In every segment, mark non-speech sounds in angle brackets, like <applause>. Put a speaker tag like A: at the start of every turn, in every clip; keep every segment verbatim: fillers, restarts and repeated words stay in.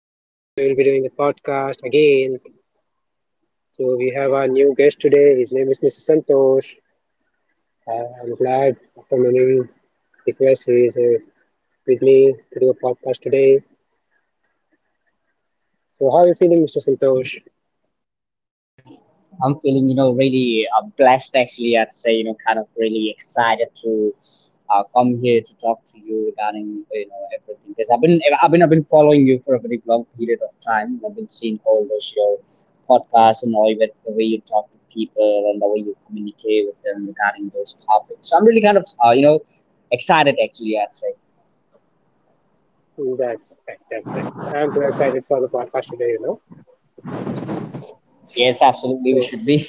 A: So, today we'll be doing the podcast again. So, we have our new guest today. His name is mister Santosh. Uh, I'm glad after many requests he is uh, with me to do a podcast today. So, how are you feeling, mister Santosh?
B: I'm feeling, you know, really uh, blessed actually. I'd say, you know, kind of really excited to uh, come here to talk to you regarding, you know, everything. Because I've been, I've been, I've been following you for a very long period of time. I've been seeing all those your podcasts and all that, the way you talk to people and the way you communicate with them regarding those topics. So I'm really kind of, uh, you know, excited actually. I'd say,
A: Mm, that's right, that's right. I'm too excited for the podcast today, you know.
B: yes, absolutely, we
A: So,
B: should be.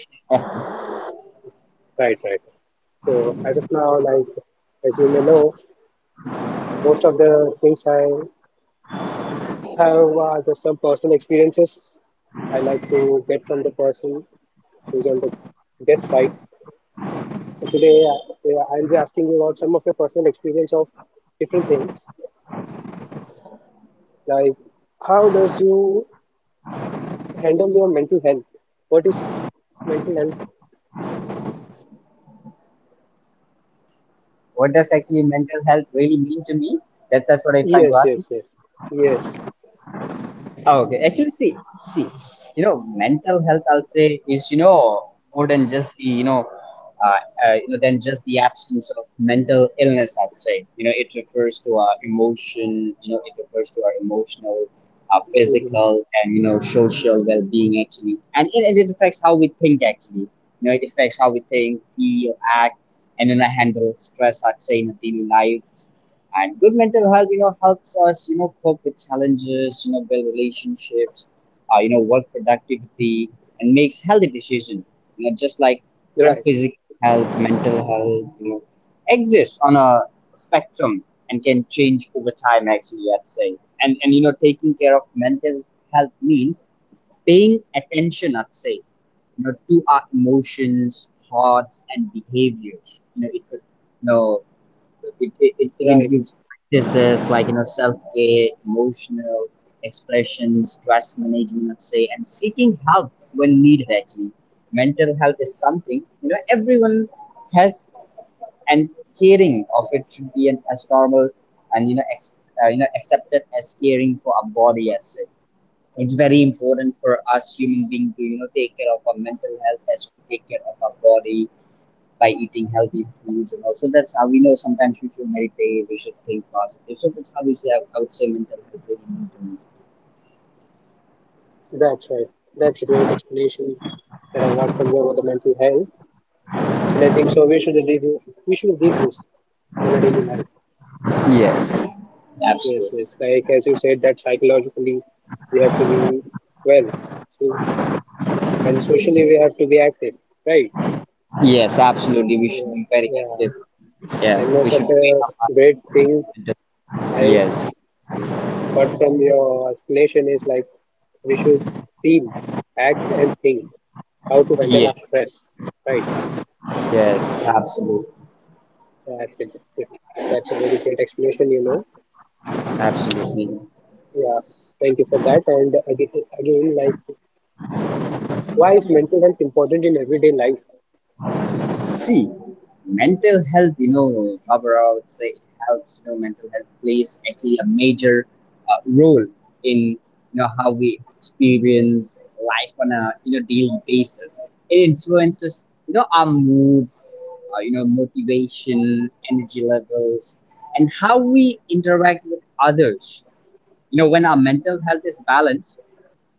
A: right, right. So, as of now, like, as you may know, most of the things I have are just some personal experiences I like to get from the person who's on the guest side. So today, uh, yeah, I'll be asking you about some of your personal experience of different things. Like, how does you handle your mental health? What is mental health?
B: <laughs> What does actually mental health really mean to me? That, that's what I'm trying to
A: Yes,
B: ask.
A: yes, yes, yes.
B: Oh, okay. Actually, see, see, you know, mental health, I'll say, is, you know, more than just the, you know, uh, uh, you know, than just the absence of mental illness, I'd say. You know, it refers to our emotion, you know, it refers to our emotional, our
A: Hmm.
B: physical, and, you know, social well being, actually. And it, and it affects how we think, actually. You know, it affects how we think, feel, act, and then I handle stress, I'd say, in a daily life and good mental health, you know, helps us, you know, cope with challenges, you know, build relationships, uh, you know, work productivity, and makes healthy decisions. You know, just like the
A: Right,
B: physical health, mental health, you know, exists on a spectrum and can change over time. Actually, I'd say, and and you know, taking care of mental health means paying attention. I'd say, you know, to our emotions, thoughts, and behaviors. You know, it could, you know, it, it, it it
A: right.
B: includes practices like you know self care, emotional expression, stress management, I'd say, and seeking help when needed. Actually, mental health is something you know everyone has, and caring of it should be an, as normal and you know ex, uh, you know accepted as caring for our body. I'd say it's very important for us human being to you know take care of our mental health as we take care of our body by eating healthy foods, and also that's how we know sometimes we should meditate, we should think positive. So that's how we say, I would say, mental health really
A: That's right. That's a great explanation that I got from you about the mental health, and I think so. We should leave. We should leave this on a daily life.
B: matters. Yes.
A: Yes,
B: Absolutely.
A: yes. Like as you said, that psychologically we have to be well, so and socially we have to be active, right?
B: Yes, absolutely, we should
A: Yeah,
B: be very
A: yeah.
B: active. Yeah,
A: And
B: we
A: most
B: should
A: of
B: treat
A: the great thing
B: mental.
A: I
B: Yes.
A: got from your explanation is like we should feel, act, and think how to handle
B: Yeah.
A: our stress, right?
B: Yes. Absolutely.
A: Yeah, that's it. Yeah. That's a very great explanation, you know.
B: Absolutely.
A: Yeah, thank you for that. And again, again, like why is mental health important in everyday life?
B: See, mental health, you know, Barbara, I would say it helps, you know, mental health plays actually a major uh, role in, you know, how we experience life on a, you know, daily basis. It influences, you know, our mood, uh, you know, motivation, energy levels, and how we interact with others. You know, when our mental health is balanced,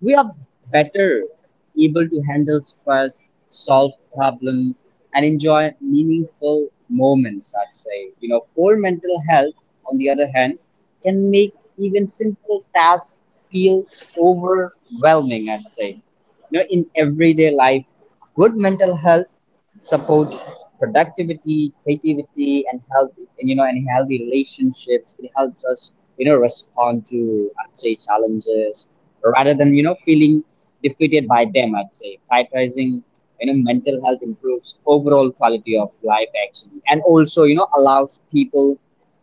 B: we are better able to handle stress, solve problems, and enjoy meaningful moments, I'd say. You know, poor mental health, on the other hand, can make even simple tasks feel overwhelming, I'd say. You know, in everyday life, good mental health supports productivity, creativity, and healthy, and, you know, and healthy relationships. It helps us, you know, respond to, I'd say, challenges rather than you know feeling defeated by them, I'd say. Prioritizing you know mental health improves overall quality of life, actually, and also you know allows people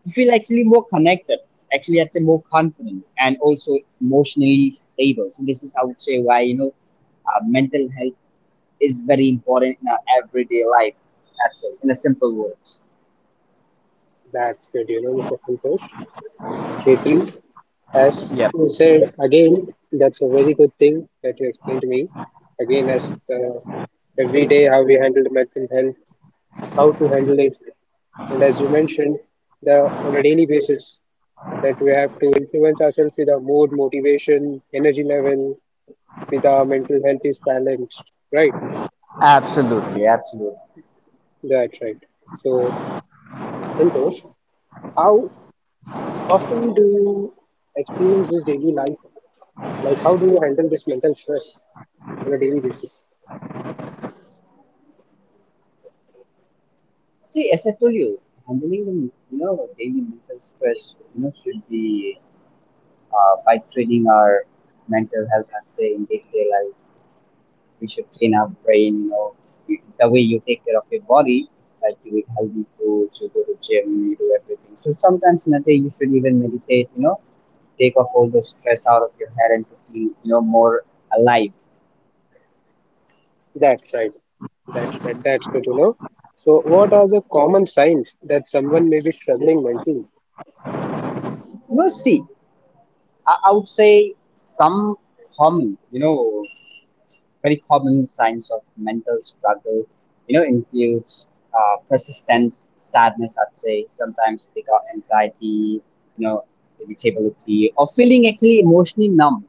B: to feel actually more connected, actually, I'd say, more confident and also emotionally stable. So this is, I would say, why you know uh, mental health is very important in our everyday life. That's it, in a simple word.
A: That's good, you know, mister Santosh. Chaitri, as
B: Yeah,
A: you said, again, that's a very good thing that you explained to me. Again, as the, every day how we handle the mental health, how to handle it, and as you mentioned, the on a daily basis that we have to influence ourselves with our mood, motivation, energy level, with our mental health is balanced, right?
B: absolutely, absolutely.
A: That's right. So, Santosh, how often do you experience this daily life? Like, how do you handle this mental stress on a daily basis?
B: See, as I told you, handling the you know daily mental stress you know should be uh, by training our mental health, and say in day-to-day life we should train our brain, you know. You- the way you take care of your body, like you eat healthy foods, you go to gym, you do everything. So sometimes in a day you should even meditate, you know, take off all the stress out of your head and to feel, you know, more alive.
A: That's right. That's right. That's good to know. So, what are the common signs that someone may be struggling mentally?
B: You know, see, i, I would say some common you know very common signs of mental struggle, you know, includes uh, persistence, sadness, I'd say. Sometimes they got anxiety, you know, irritability, or feeling actually emotionally numb,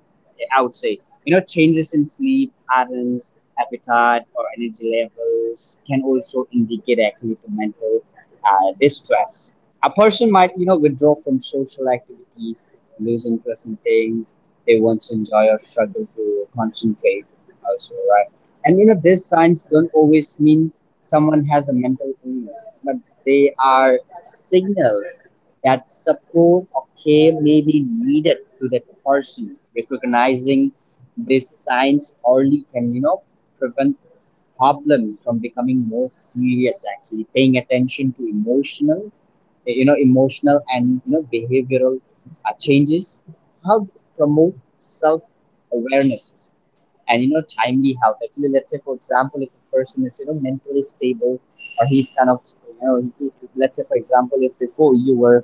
B: I would say. You know, changes in sleep patterns, appetite, or energy levels can also indicate actually to mental uh, distress. A person might, you know, withdraw from social activities, lose interest in things they once enjoy, or struggle to concentrate also, right? And you know, these signs don't always mean someone has a mental illness, but they are signals that support or care may be needed to that person. Recognizing these signs early can, you know, prevent problems from becoming more serious, actually. Paying attention to emotional eh, you know emotional, and you know behavioral uh, changes helps promote self awareness and you know timely help, actually. Let's say, for example, if a person is, you know, mentally stable, or he's kind of, you know, he- he- let's say, for example, if before you were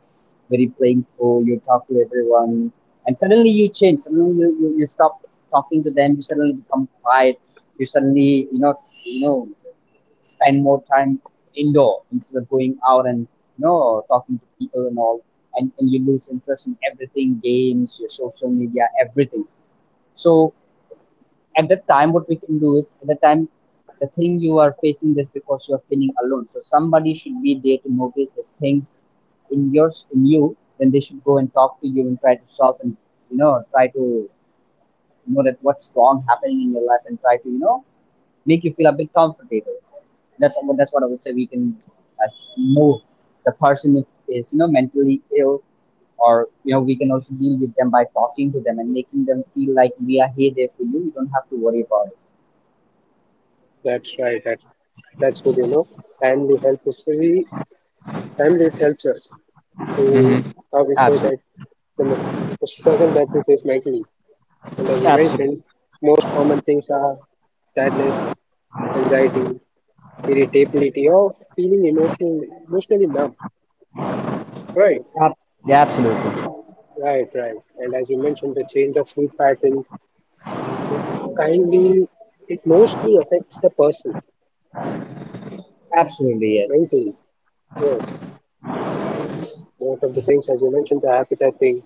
B: very playful, you talk to everyone, and suddenly you change, suddenly you, you, you stop talking to them, you suddenly become quiet, you suddenly, you know you know spend more time indoor instead of going out and you know talking to people and all, and, and you lose interest in everything, games, your social media, everything. So at that time, what we can do is, at the time, the thing you are facing this because you are feeling alone, so somebody should be there to notice these things in yours, in you. Then they should go and talk to you and try to solve, and you know try to know that what's wrong happening in your life and try to, you know, make you feel a bit comfortable. That's what that's what I would say we can, as know, the person if is, you know, mentally ill, or, you know, we can also deal with them by talking to them and making them feel like we are here, there for you, you don't have to worry about it.
A: That's right. That, that's good, you know. Family health history, family it helps us to,
B: Hmm.
A: how we say
B: Absolutely.
A: that, the, men- the struggle that we face mentally. And as you
B: Absolutely.
A: mentioned, most common things are sadness, anxiety, irritability, or feeling emotional, emotionally numb. Right,
B: Absolutely.
A: right, right. And as you mentioned, the change of sleep pattern, kindly, it mostly affects the person
B: Absolutely, yes.
A: mentally. Yes. Um, most of the things, as you mentioned, the appetite thing.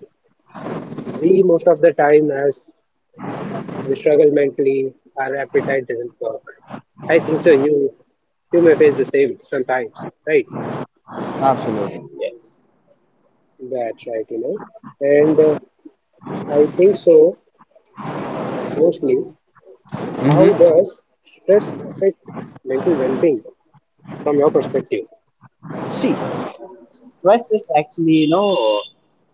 A: We, most of the time, as we struggle mentally, our appetite doesn't work. I think so. You, you may face the same sometimes, right?
B: Absolutely. Yes.
A: That's right, you know. And uh, I think so, mostly. How
B: Hmm.
A: does stress affect mental well being from your perspective?
B: See, stress is actually, you know,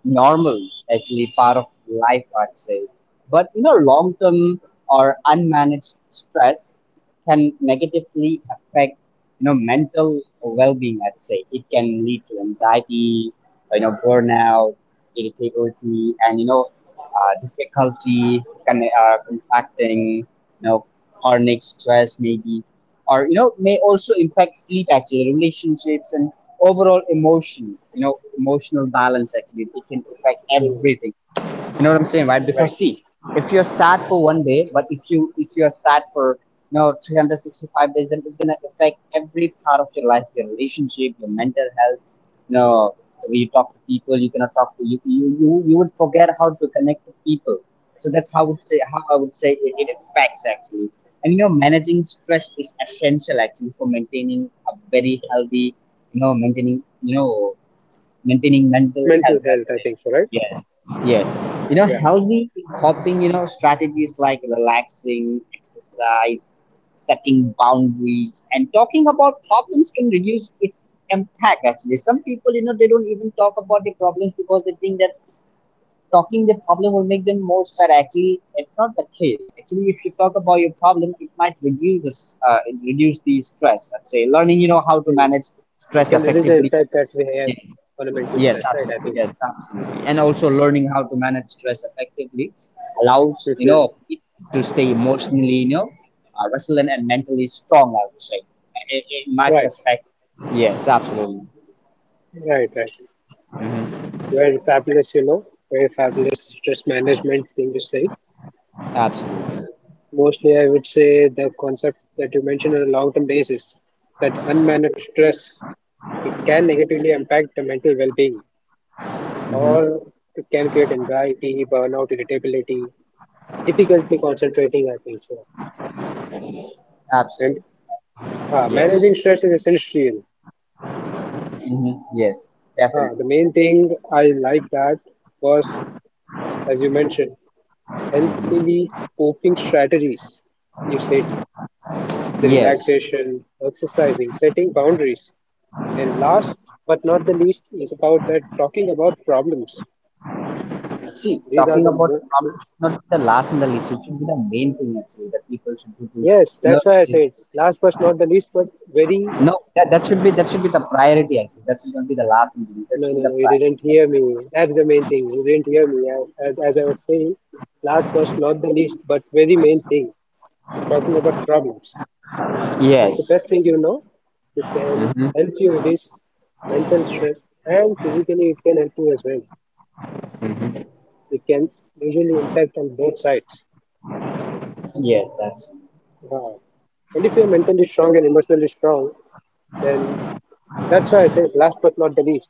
B: normal, actually part of life, I'd say. But you know, long term or unmanaged stress can negatively affect you know mental well-being. I'd say it can lead to anxiety, you know, burnout, irritability, and you know, uh, difficulty con- uh, contracting, you know, chronic stress maybe, or you know, may also impact sleep, actually, relationships, and overall emotion, you know emotional balance, actually. It can affect
A: Hmm.
B: everything, you know what I'm saying, right?
A: Right.
B: Because see, if you're sad for one day, but if you if you're sad for you know three hundred sixty-five days, then it's gonna affect every part of your life, your relationship, your mental health. You know, when you talk to people, you cannot talk to you you you, you would forget how to connect with people. So that's how I would say, how I would say it, it affects, actually. And you know, managing stress is essential actually for maintaining a very healthy, you know, maintaining you know maintaining mental
A: Mental
B: health at
A: health, I
B: it.
A: think so, right?
B: Yes, yes. You know,
A: Yeah.
B: healthy coping, you know, strategies like relaxing, exercise, setting boundaries, and talking about problems can reduce its impact, actually. Some people, you know, they don't even talk about the problems because they think that talking the problem will make them more sad. Actually, it's not the case. Actually, if you talk about your problem, it might reduce, the s- uh, reduce the stress. I'd say, learning, you know, how to
A: Hmm.
B: manage
A: It
B: stress
A: can reduce the
B: effectively.
A: impact that we have on a mental
B: Yes,
A: stress, right? I
B: absolutely.
A: think
B: Yes,
A: so.
B: absolutely. And also learning how to manage stress effectively allows,
A: It
B: you
A: will,
B: know, it to stay emotionally, you know, uh, resilient and mentally strong, I would say, in, in my
A: right,
B: perspective. Yes, absolutely.
A: right, right.
B: Hmm.
A: Very fabulous, you know, very fabulous stress management thing to say.
B: Absolutely.
A: Mostly, I would say the concept that you mentioned on a long term basis that unmanaged stress it can negatively impact the mental well being or
B: Hmm.
A: it can create anxiety, burnout, irritability, difficulty concentrating, I think so. And
B: Absolutely.
A: uh,
B: Yes.
A: managing stress is essential.
B: Hmm. Yes,
A: Uh,
B: definitely.
A: the main thing I like that was, as you mentioned,
B: Hmm.
A: healthily coping strategies. You said the
B: Yes.
A: relaxation, exercising, setting boundaries. And last but not the least is about that talking about problems.
B: See,
A: These are
B: talking
A: the
B: about the problem
A: mo-
B: should not be the last on the list. It should be the main thing, actually, that people should do to, you
A: yes,
B: know.
A: that's why I said last but not the least, but very
B: No, that, that should be, that should be the priority, actually. That should not be the last meeting. That
A: no,
B: should be
A: no,
B: the
A: no, you didn't
B: priority.
A: hear me. That's the main thing. You didn't hear me. as, as I was saying, last but not the least, but very main thing talking about problems. It's the
B: Yes.
A: best thing you know. It can
B: Mm-hmm.
A: help you reduce mental stress and physically it can help you as well.
B: Mm-hmm.
A: It can usually impact on both sides.
B: Yes, absolutely.
A: Wow. And if you're mentally strong and emotionally strong, then that's why I say last but not the least.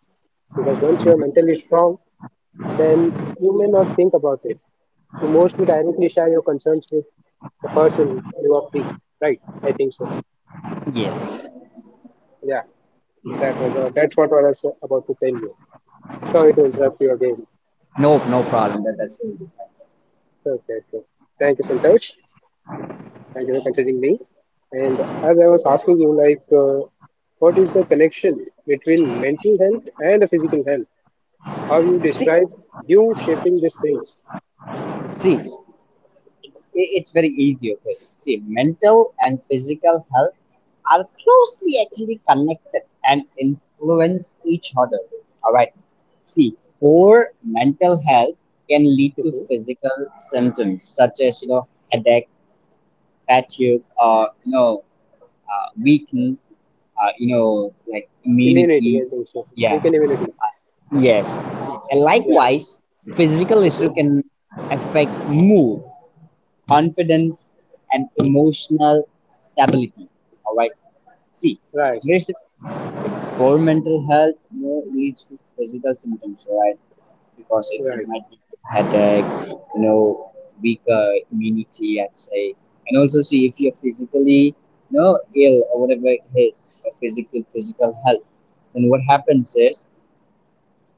A: Because once you're
B: Mm-hmm.
A: mentally strong, then you may not think about it. You mostly directly share your concerns with the person you are free. Right? I think so.
B: Yes.
A: Yeah. That was uh, that's what I was about to tell you. Sorry to interrupt you again.
B: No, no problem. That, that's really
A: Okay, okay. Thank you, Santosh. Thank you for considering me. And as I was asking you, like, uh, what is the connection between mental health and the physical health? How you
B: fine. See,
A: describe you shaping these things?
B: see, i- it's very easy. Okay. See, mental and physical health are closely actually connected and influence each other. All right. See, poor mental health can lead to
A: Mhm.
B: physical symptoms such as, you know, headache, fatigue, or, you know, uh, weaken, uh, you know, like
A: Immunity,
B: immunity.
A: I think so.
B: Yeah.
A: Weaken immunity.
B: Yes. And
A: Yeah.
B: likewise, physical issue
A: Mhm.
B: can affect mood, confidence, and emotional stability. All right. See, it's
A: Right.
B: very simple. Poor mental health, you know, leads to physical symptoms. All right. Because it, it
A: Right.
B: might give you headache, you know, weaker immunity, I'd say. And also see, if you're physically, you know, ill or whatever it is, or physical physical health. Then what happens is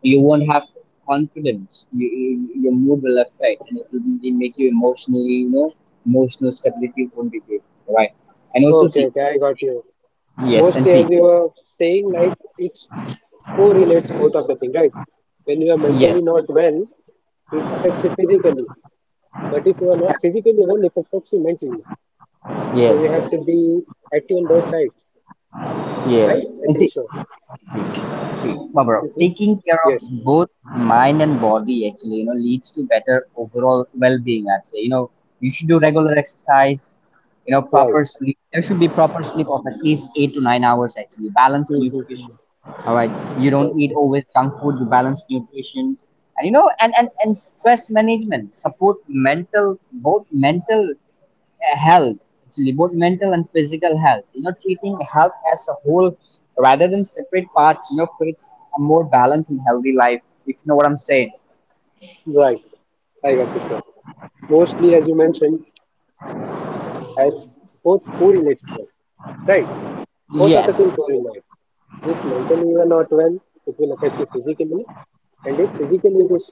B: you won't have confidence. You, you, your mood will affect, and it will really make you emotionally, you know, emotional stability won't be good, right? And also
A: Okay,
B: see.
A: okay. I got you.
B: Yes. and
A: Mostly,
B: see,
A: as you were saying, like, it's correlates both of the thing, right? When you are
B: yes,
A: mentally not well, it affects you physically. But if you are not physically well, it affects you mentally. So
B: yes,
A: you have to be active on both sides,
B: yes.
A: right? I
B: and
A: think
B: see
A: so.
B: See, see, see, Barbara,
A: Mhm.
B: taking care
A: Yes,
B: of both mind and body actually, you know, leads to better overall well-being. I'd say, you know, you should do regular exercise, you know,
A: right.
B: proper sleep. There should be proper sleep of at least eight to nine hours actually. Balanced
A: Hmm.
B: nutrition. All right, you
A: Right.
B: don't eat always junk food. You balance nutrition, and you know, and and and stress management support mental, both mental, uh, health actually, both mental and physical health, you know treating health as a whole rather than separate parts, you know creates a more balanced and healthy life, if you know what I'm saying.
A: Right. I got it, bro. Mostly, as you mentioned, as both correlates, bro. Right? Both of the things
B: Yes.
A: correlate. If mentally you are not well, it will affect you physically, and if physically it is,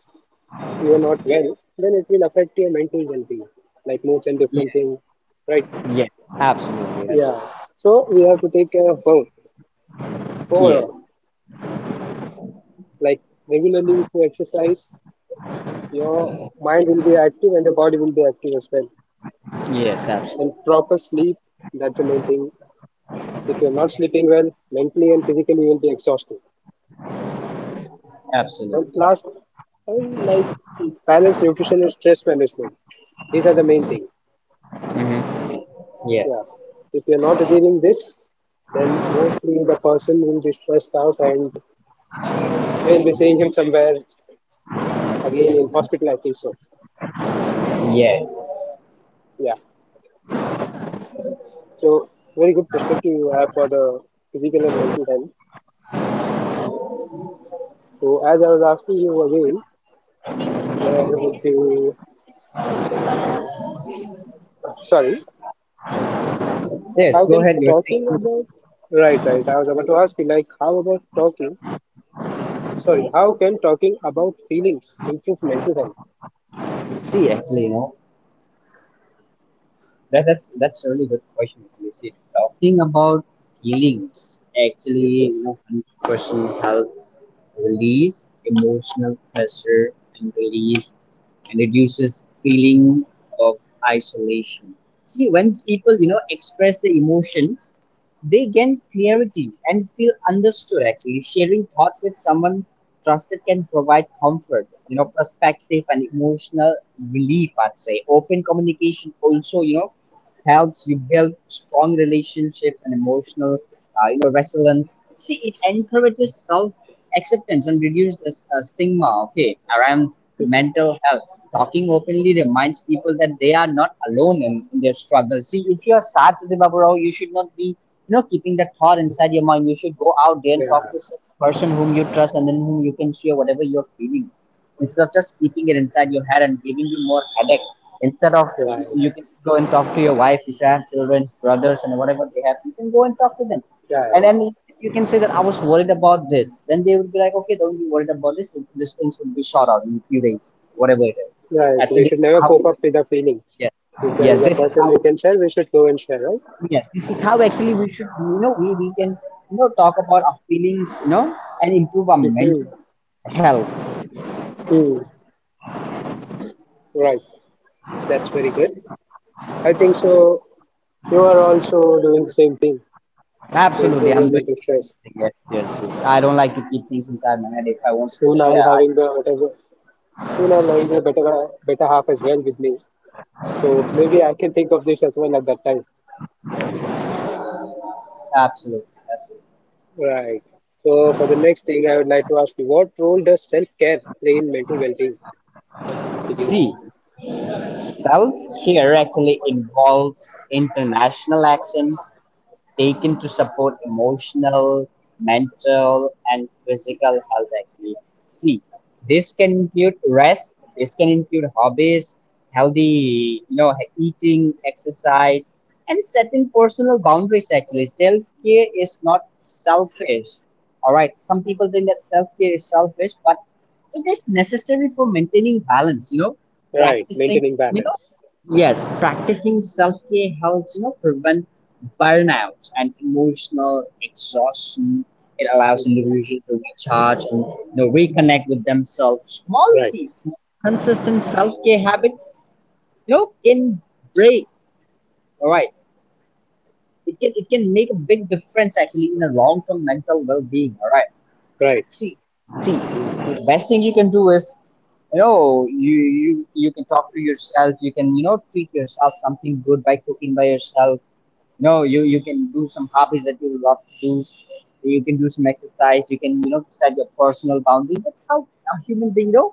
A: you are not well, then it will affect your mental well-being, like moods and
B: Yes,
A: different things, right?
B: yes. Absolutely.
A: Yeah, so we have to take care of both
B: Absolutely.
A: overall.
B: Yes.
A: Like regularly, if you exercise, your mind will be active and your body will be active as well.
B: Yes, absolutely.
A: And proper sleep, that's the main thing. If you're not sleeping well, mentally and physically, you will be exhausted. And
B: Absolutely.
A: last, and like balance nutrition and stress management. These are the main thing.
B: Hmm. Yeah.
A: Yeah, if you're not achieving this, then mostly the person will be stressed out and we'll be seeing him somewhere again in hospital, I think so.
B: Yes.
A: Yeah, so very good perspective you have for the physical and mental health. So as I was asking you again, there would be, sorry,
B: Yes,
A: how
B: go
A: can
B: ahead, you're
A: talking
B: saying.
A: about, right, right, I was about to ask you, like, how about talking, sorry, how can talking about feelings improve mental health?
B: See, actually, you know That, that's that's a really good question actually. See, talking about healings
A: Mhm.
B: actually, you know, personal helps release emotional pressure, and release and reduces feeling of isolation. See, when people you know express their emotions, they gain clarity and feel understood. Actually, sharing thoughts with someone trusted can provide comfort, you know, perspective and emotional relief. I'd say open communication also, you know helps you build strong relationships and emotional, uh, you know resilience. See, it encourages self acceptance and reduce the s- uh, stigma, okay, around
A: Mhm.
B: mental health. Talking openly reminds people that they are not alone in, in their struggles. See, if you're sad today, Babarao, you should not be you know keeping that thought inside your mind. You should go out there and talk
A: Yeah,
B: to such person whom you trust and then whom you can share whatever you're feeling, instead of just keeping it inside your head and giving you more headache. Instead of
A: right,
B: You can go and talk to your wife. If you have children, brothers, and whatever they have, you can go and talk to them.
A: yeah,
B: And
A: right,
B: then if you can say that I was worried about this, then they would be like, okay, don't be worried about this. These things will be shot out in a few days, whatever it is.
A: right.
B: That's
A: We
B: it.
A: should never
B: How?
A: cope up with the feelings.
B: Yes,
A: If there
B: yes.
A: is a
B: This is
A: person
B: how.
A: we can share, we should go and share, right?
B: Yes, this is how actually we should. You know, we we can you know talk about our feelings, you know, and improve our mental
A: Mhm.
B: health.
A: Hmm, right. That's very good. I think so. You are also doing the same thing to
B: Absolutely,
A: improve your
B: I'm doing
A: mental stress.
B: it. Yes, yes, yes. I don't like to keep things inside my head. If I wanted to
A: Soon
B: share,
A: I'll
B: I,
A: having the whatever. Soon I'll having the better better half as well with me. So maybe I can think of this as well at that time.
B: absolutely, absolutely.
A: Right. So for the next thing, I would like to ask you, what role does self-care play in mental well-being to you?
B: See, self-care actually involves international actions taken to support emotional, mental, and physical health. Actually, see, this can include rest. This can include hobbies, healthy, you know, eating, exercise, and setting personal boundaries. Actually, self care is not selfish. All right, some people think that self care is selfish, but it is necessary for maintaining balance. You know,
A: Right.
B: practicing.
A: Maintaining
B: You
A: balance.
B: know Yes, practicing self care helps you know prevent burnout and emotional exhaustion. It allows
A: Mhm.
B: individuals to recharge and you know, reconnect with themselves. Small
A: Right.
B: C, small consistent self care habit, you know, can break. All right, it can it can make a big difference actually in the long term mental well being. All right,
A: Right.
B: see, see, the best thing you can do is, you know you you you can talk to yourself. You can, you know treat yourself something good by cooking by yourself. No, you you can do some hobbies that you love to do. You can do some exercise. You can, you know set your personal boundaries. That's how a human being, you know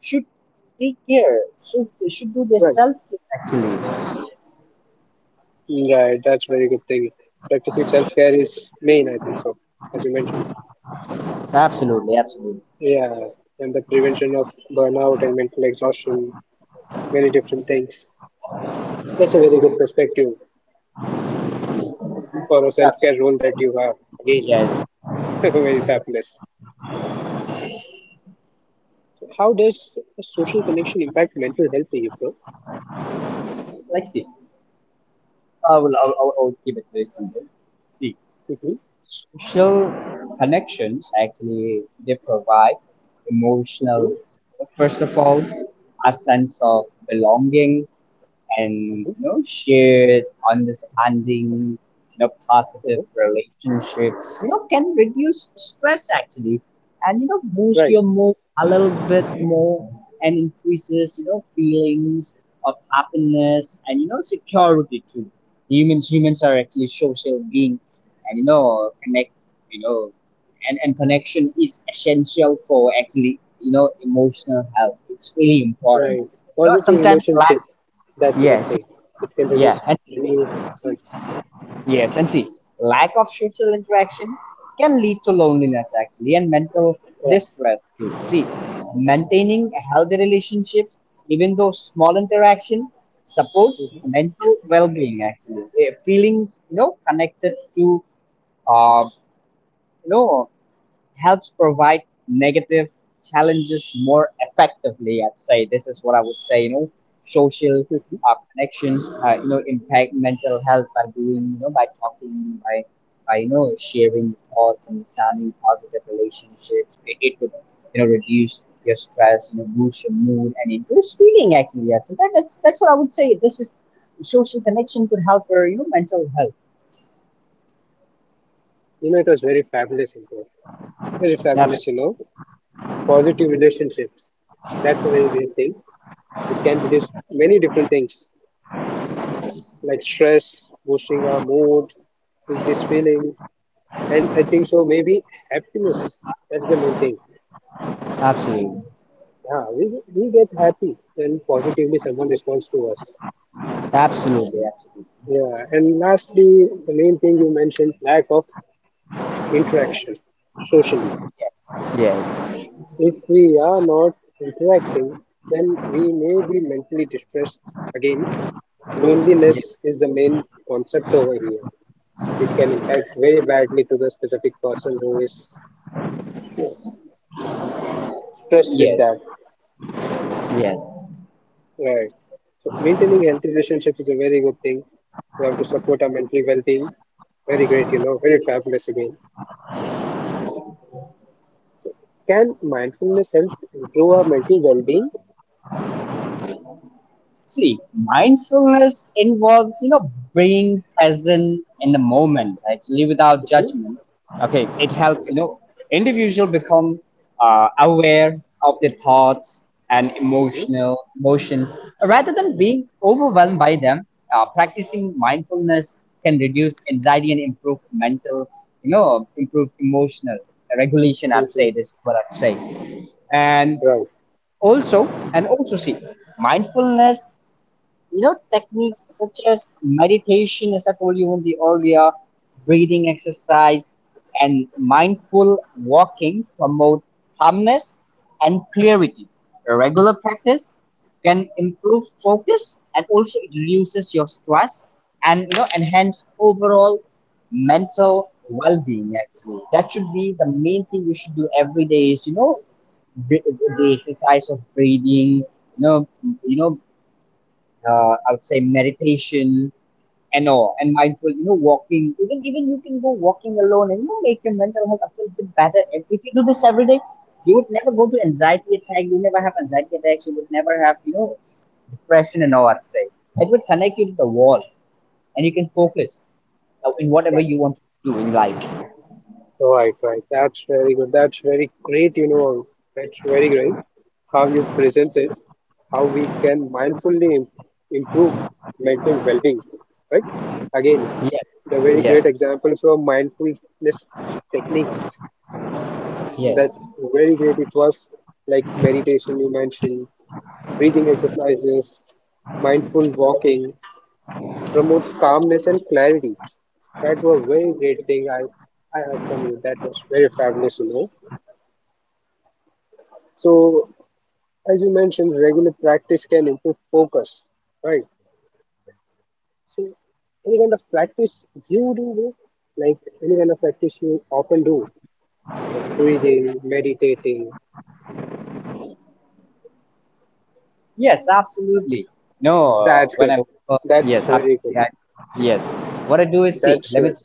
B: should take care. Should should do their
A: Right.
B: self care actually.
A: Right, that's very good thing. Practicing self-care is main, I think so, as you mentioned.
B: Absolutely, absolutely,
A: Yeah, and the prevention of burnout and mental exhaustion, many different things. That's a very good perspective for a
B: absolutely.
A: self-care role that you have. Again,
B: Yes.
A: <laughs> very fabulous. So how does a social connection impact mental health in you, bro?
B: Like, see, I will I'll, I'll, I'll keep it very simple. See,
A: Mm-hmm,
B: social connections actually they provide emotional
A: mm-hmm,
B: support. First of all, a sense of belonging and,
A: mm-hmm,
B: you know shared understanding. You know positive
A: okay.
B: relationships, you know can reduce stress actually, and, you know boost
A: Right,
B: your mood a little bit more, and increases, you know feelings of happiness and, you know security too. Humans humans are actually social being, and, you know connect, you know and and connection is essential for, actually, you know emotional health. It's really important,
A: right.
B: you know
A: Positive
B: sometimes lack.
A: relationship, that's a good
B: Yes.
A: thing. It can
B: Yeah,
A: reduce
B: and see,
A: many concerns.
B: yes, and see, lack of social interaction can lead to loneliness actually, and mental
A: Yeah.
B: distress too. See, maintaining healthy relationships, even though small interaction, supports mental well-being actually. Eh, Feelings, you know, connected to, uh, you know, helps provide negative challenges more effectively. I'd say this is what I would say. You know, social
A: Mhm.
B: uh, connections. Uh, you know, impact mental health by doing. You know, by talking, by by you know sharing thoughts, understanding positive relationships. It, it would, you know reduce your stress, you know, boost your mood, and increase feeling actually. Yeah, so that, that's that's what I would say. This is social connection could help for, you know mental health.
A: You know, it was very fabulous info. Very
B: Abs-
A: fabulous, you know. Positive relationships. That's a very great thing. It can reduce many different things like stress, boosting our mood, increase feeling, and I think so maybe happiness. That's the main thing.
B: Absolutely,
A: Yeah, we, we get happy when positively someone responds to us.
B: absolutely,
A: Yeah, and lastly, the main thing you mentioned, lack of interaction socially.
B: absolutely. Yes.
A: If we are not interacting, then we may be mentally distressed again. Loneliness is the main concept over here, which can impact very badly to the specific person who is sure- stressed with
B: Yes,
A: that.
B: yes.
A: Right. So maintaining healthy relationships is a very good thing. We have to support our mental well-being. Very great, you know, very fabulous again. Can mindfulness help improve our mental well-being?
B: See, mindfulness involves, you know, being present in the moment, actually, without
A: Mm-hmm.
B: judgment. Okay, it helps, you know, individual become, uh, aware of their thoughts and
A: Mm-hmm.
B: emotional emotions, rather than being overwhelmed by them. Uh, practicing mindfulness can reduce anxiety and improve mental, you know, improve emotional regulation. I'd
A: Mm-hmm.
B: say this is what I'd say, and
A: Right.
B: also, and also see, mindfulness, you know techniques such as meditation, as I told you in the earlier breathing exercise and mindful walking, promote calmness and clarity. A regular practice can improve focus and also it reduces your stress and, you know enhance overall mental well-being actually. That should be the main thing you should do every day, is, you know the, the exercise of breathing, you know, you know, uh, I would say meditation and all, and mindful, you know, walking. Even even you can go walking alone and, you know make your mental health a little bit better. If, if you do this every day, you would never go to anxiety attack. You never have anxiety attacks. You would never have, you know depression and all. I'd say it would connect you to the wall, and you can focus, uh, in whatever
A: Right.
B: you want to do in life.
A: Right, right. That's very good. That's very great, you know. That's very great how you present it, how we can mindfully im- improve mental well-being, right? Again,
B: Yes,
A: the very great
B: yes,
A: example from mindfulness techniques. That's
B: yes.
A: very great. It was like meditation you mentioned, breathing exercises, mindful walking, promotes calmness and clarity. That was very great thing I, I heard from you. That was very fabulous, you know. So, as you mentioned, regular practice can improve focus, right? So, any kind of practice you do, bro? Like any kind of practice you often do, like breathing, meditating.
B: Yes, absolutely. No, uh,
A: That's
B: when
A: good.
B: I, uh,
A: That's
B: yes, ab-
A: very good.
B: yeah, yes. What I do is, see.
A: That's
B: Let me.
A: good.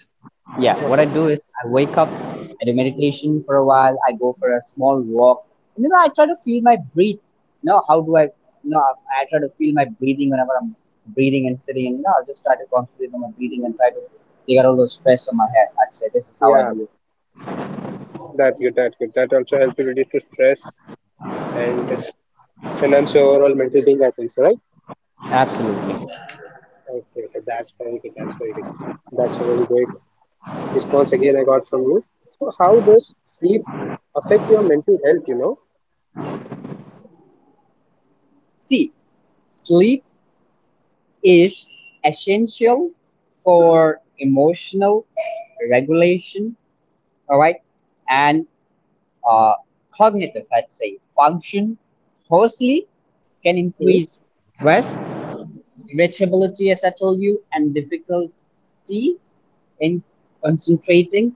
B: Yeah, what I
A: Uh-huh.
B: do is I wake up, I do meditation for a while. I go for a small walk. And, you know, I try to feel my breath. You know, how do I? You know, I try to feel my breathing whenever I'm breathing and sitting. And, you know, I just try to concentrate on my breathing and try to take out all the stress on my head. I'd say this is how I
A: Yeah,
B: do it.
A: that's good. That's good. That also helps you reduce to stress and enhance your overall mental thing happens, right?
B: Absolutely.
A: Okay, okay, that's very good. That's very good. That's very great response again I got from you. So how does sleep affect your mental health, you know?
B: See, sleep is essential for emotional regulation, all right, and, uh, cognitive, let's say, function. Firstly, can
A: Hmm?
B: increase stress, irritability, as I told you, and difficulty in concentrating.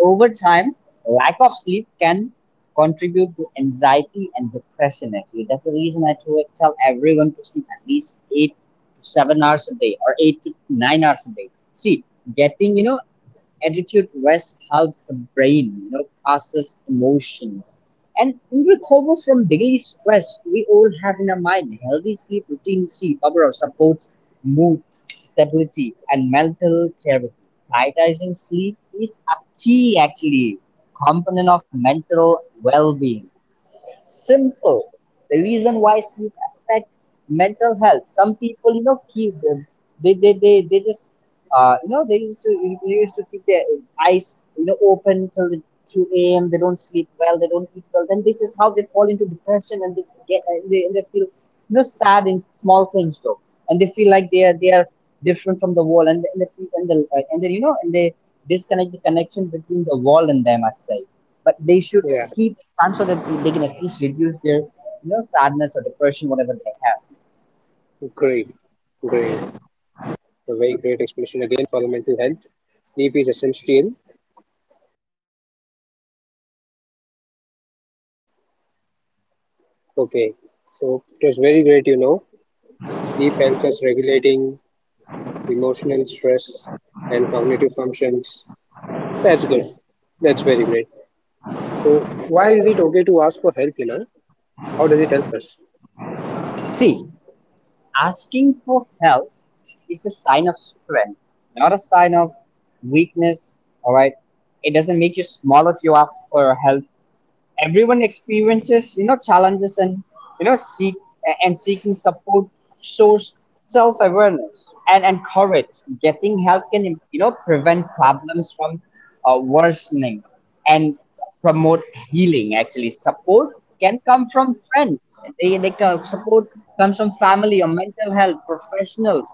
B: Over time, lack of sleep can contribute to anxiety and depression. Actually, that's the reason I to- tell everyone to sleep at least eight to seven hours a day or eight to nine hours a day. See, getting, you know attitude rest helps the brain, you know, process emotions, and recover from daily stress we all have in our mind. Healthy sleep routine, see, Babarao, supports mood, stability, and mental clarity. Prioritizing sleep is a key, actually, component of mental well-being. Simple. The reason why sleep affects mental health. Some people, you know, keep them. They they they, they just, uh, you know they used to they used to keep their eyes, you know open till the two a m. They don't sleep well. They don't eat well. Then this is how they fall into depression, and they get and they, and they feel, you know sad in small things though, and they feel like they are they are different from the world, and and they, feel- and, the, uh, and then you know and they disconnect the connection between the world and them. I'd say, but they should
A: Yeah,
B: seek time so that they can at least reduce their, you know sadness or depression whatever they have.
A: great, great. A very great explanation again for the mental health. Sleep is essential. Okay, so it was very great, you know. Sleep helps us regulating emotional stress and cognitive functions. That's good. That's very great. So why is it okay to ask for help, you know? How does it help us?
B: See, asking for help is a sign of strength, not a sign of weakness. All right, it doesn't make you small if you ask for help. Everyone experiences, you know challenges and, you know seek and seeking support shows self-awareness and, and courage. Getting help can, you know prevent problems from, uh, worsening, and promote healing actually. Support can come from friends, they, they co- support comes from family or mental health professionals.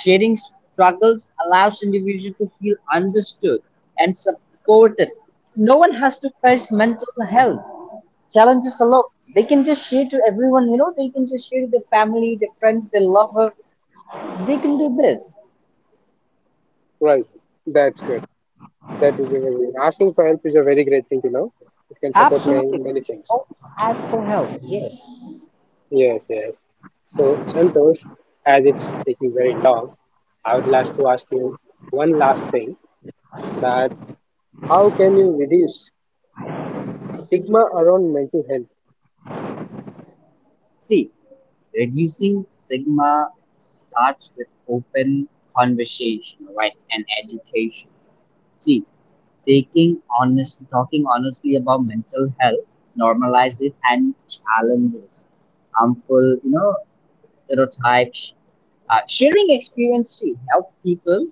B: Sharing struggles allows individual to feel understood and supported. No one has to face mental health challenges a lot. They can just share to everyone, you know, they can just share to their family, their friends, their lover. They can do this.
A: Right. That's good. That is a very asking for help is a very great thing, you know. It can support many
B: Absolutely.
A: many things.
B: Always ask for help. Yes.
A: Yes, yes. So Santosh, as it's taking very long, I would like to ask you one last thing that how can you reduce stigma around mental health?
B: See, reducing stigma starts with open conversation, right? And education. See, taking honest talking honestly about mental health, normalize it and challenges harmful, you know, stereotypes. Uh, sharing experience to help people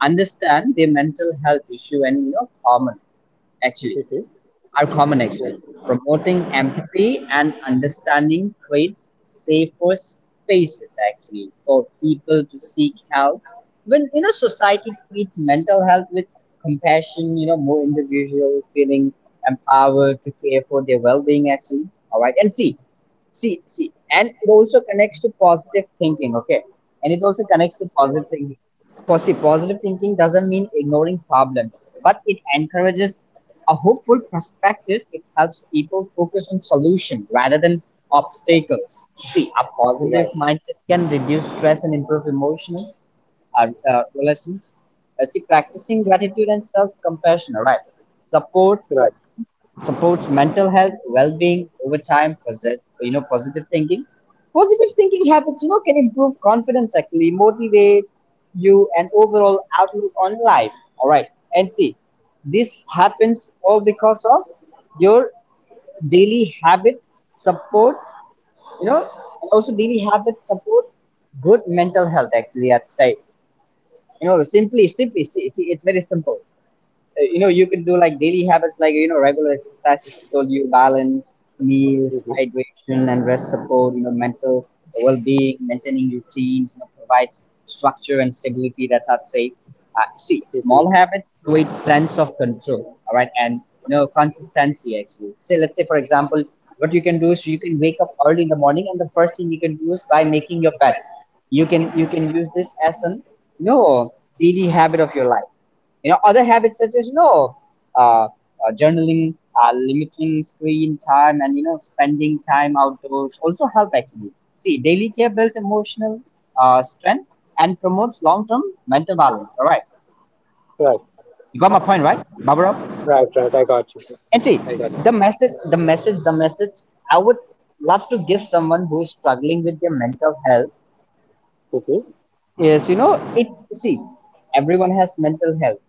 B: understand their mental health issue and you know common actually
A: Mhm.
B: are common
A: Yes.
B: actually.
A: Right.
B: Promoting empathy and understanding creates safer spaces actually for people to seek help. When you know society treats mental health with compassion, you know, more individual feeling empowered to care for their well being actually. All right. And see, see, see, and it also connects to positive thinking, okay? And it also connects to
A: Right.
B: positive thinking. Posi- Positive thinking doesn't mean ignoring problems, but it encourages a hopeful perspective. It helps people focus on solution rather than obstacles. See, a positive
A: Right.
B: mindset can reduce stress and improve emotional uh, uh, relations. Uh, see, practicing gratitude and self-compassion, all right, support supports mental health, well-being over time, posit- you know, positive thinking. Positive thinking habits, you know, can improve confidence actually, motivate you and overall outlook on life. All right. And see, this happens all because of your daily habit support, you know, and also daily habits support good mental health actually, I'd say. You know, simply, simply, see, see it's very simple. Uh, you know you can do like daily habits like you know regular exercises that told you balance meals,
A: Mhm.
B: hydration and rest support, you know mental well-being. Maintaining routines, you know, provides structure and stability, that's I'd say. Uh, see, small
A: Mhm.
B: habits create sense of control, all right, and you know consistency actually. Say let's say for example what you can do is you can wake up early in the morning and the first thing you can do is by making your bed. You can you can use this as an you know daily habit of your life. You know, other habits such as you know, uh, uh, journaling, uh, limiting screen time, and you know, spending time outdoors also help actually. See, daily care builds emotional uh, strength and promotes long-term mental balance. All right,
A: Right.
B: you got my point, right, Barbara?
A: Right. Right. I got you.
B: And see,
A: I got
B: the
A: that.
B: message, the message, the message I would love to give someone who is struggling with their mental health
A: Mhm.
B: is you know it see everyone has mental health.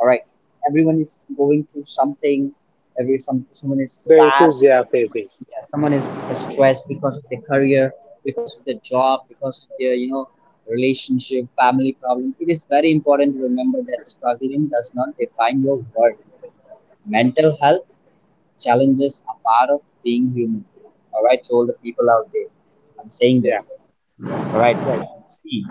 B: All right. Everyone is going through something. Every Some someone is
A: The
B: sad.
A: issues they are facing.
B: Yeah, someone is stressed because of their career, because of their job, because of their you know relationship, family problem. It is very important to remember that struggling does not define your worth. Mental health challenges are part of being human. All right, to all the people out there, I'm saying
A: Yeah.
B: this. All right.
A: Right.
B: See,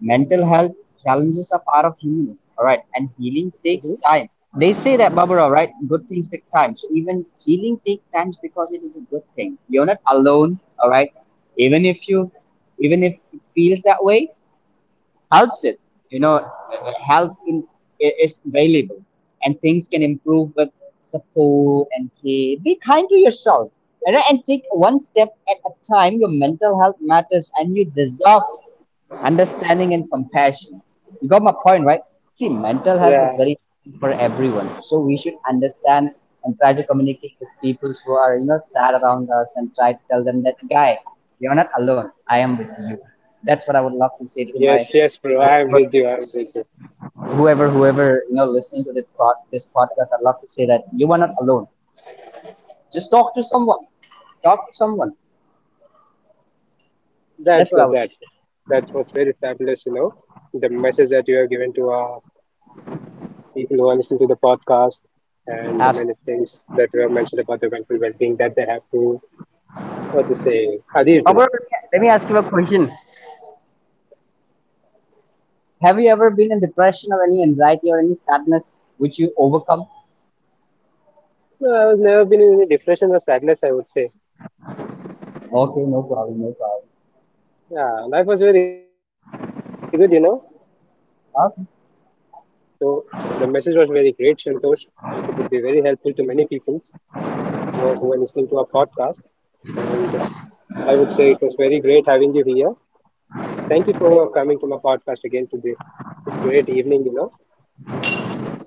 B: mental health challenges are part of human, all right, and healing takes
A: Mhm.
B: time. They say that, Barbara, right? Good things take time, so even healing takes time because it is a good thing. You're not alone, all right, even if you, even if it feels that way, helps it you know uh, help in, i- is valuable and things can improve with support and care. Be kind to yourself, all right? And take one step at a time. Your mental health matters and you deserve understanding and compassion. You got my point, right? See, mental health is
A: Yeah.
B: very different for everyone, so we should understand and try to communicate with people who are you know sad around us and try to tell them that, guy, you're not alone. I am with you. That's what I would love to say to my
A: Yes, yes, bro. I'm
B: whoever,
A: with you. I'm with you.
B: whoever, whoever you know listening to this pod, this podcast. I'd love to say that you are not alone. Just talk to someone. Talk to someone.
A: That's
B: That's what I
A: good.
B: would
A: That's good. That was very fabulous, you know, the message that you have given to uh, people who are listening to the podcast and the
B: ask.
A: many things that you have mentioned about the mental well-being that they have to, what to say, adhere to.
B: However, let me ask you a question. Have you ever been in depression or any anxiety or any sadness which you overcome?
A: No, I was never been in any depression or sadness, I would say.
B: Okay, no problem, no problem.
A: Yeah, life was very good, you know.
B: Okay.
A: So the message was very great, Santosh. It would be very helpful to many people who are, who are listening to our podcast. And I would say it was very great having you here. Thank you for coming to my podcast again today. It's great evening, you know.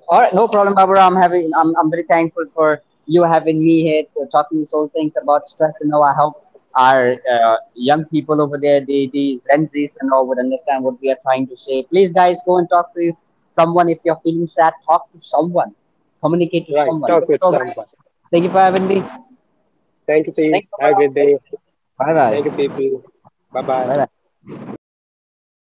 B: All right, no problem, Barbara. I'm having. I'm, I'm very thankful for you having me here to talking so things about stress and how I hope our uh, young people over there, the the Gen Zs and all, would understand what we are trying to say. Please, guys, go and talk to someone if you're feeling sad. Talk to someone. Communicate to
A: Right,
B: someone.
A: talk with
B: So, guys,
A: someone.
B: thank you for having me.
A: Thank you, team.
B: Thanks,
A: Have a great day.
B: Barbara. Bye
A: Thank you,
B: bye.
A: people. Bye bye.
B: Bye bye.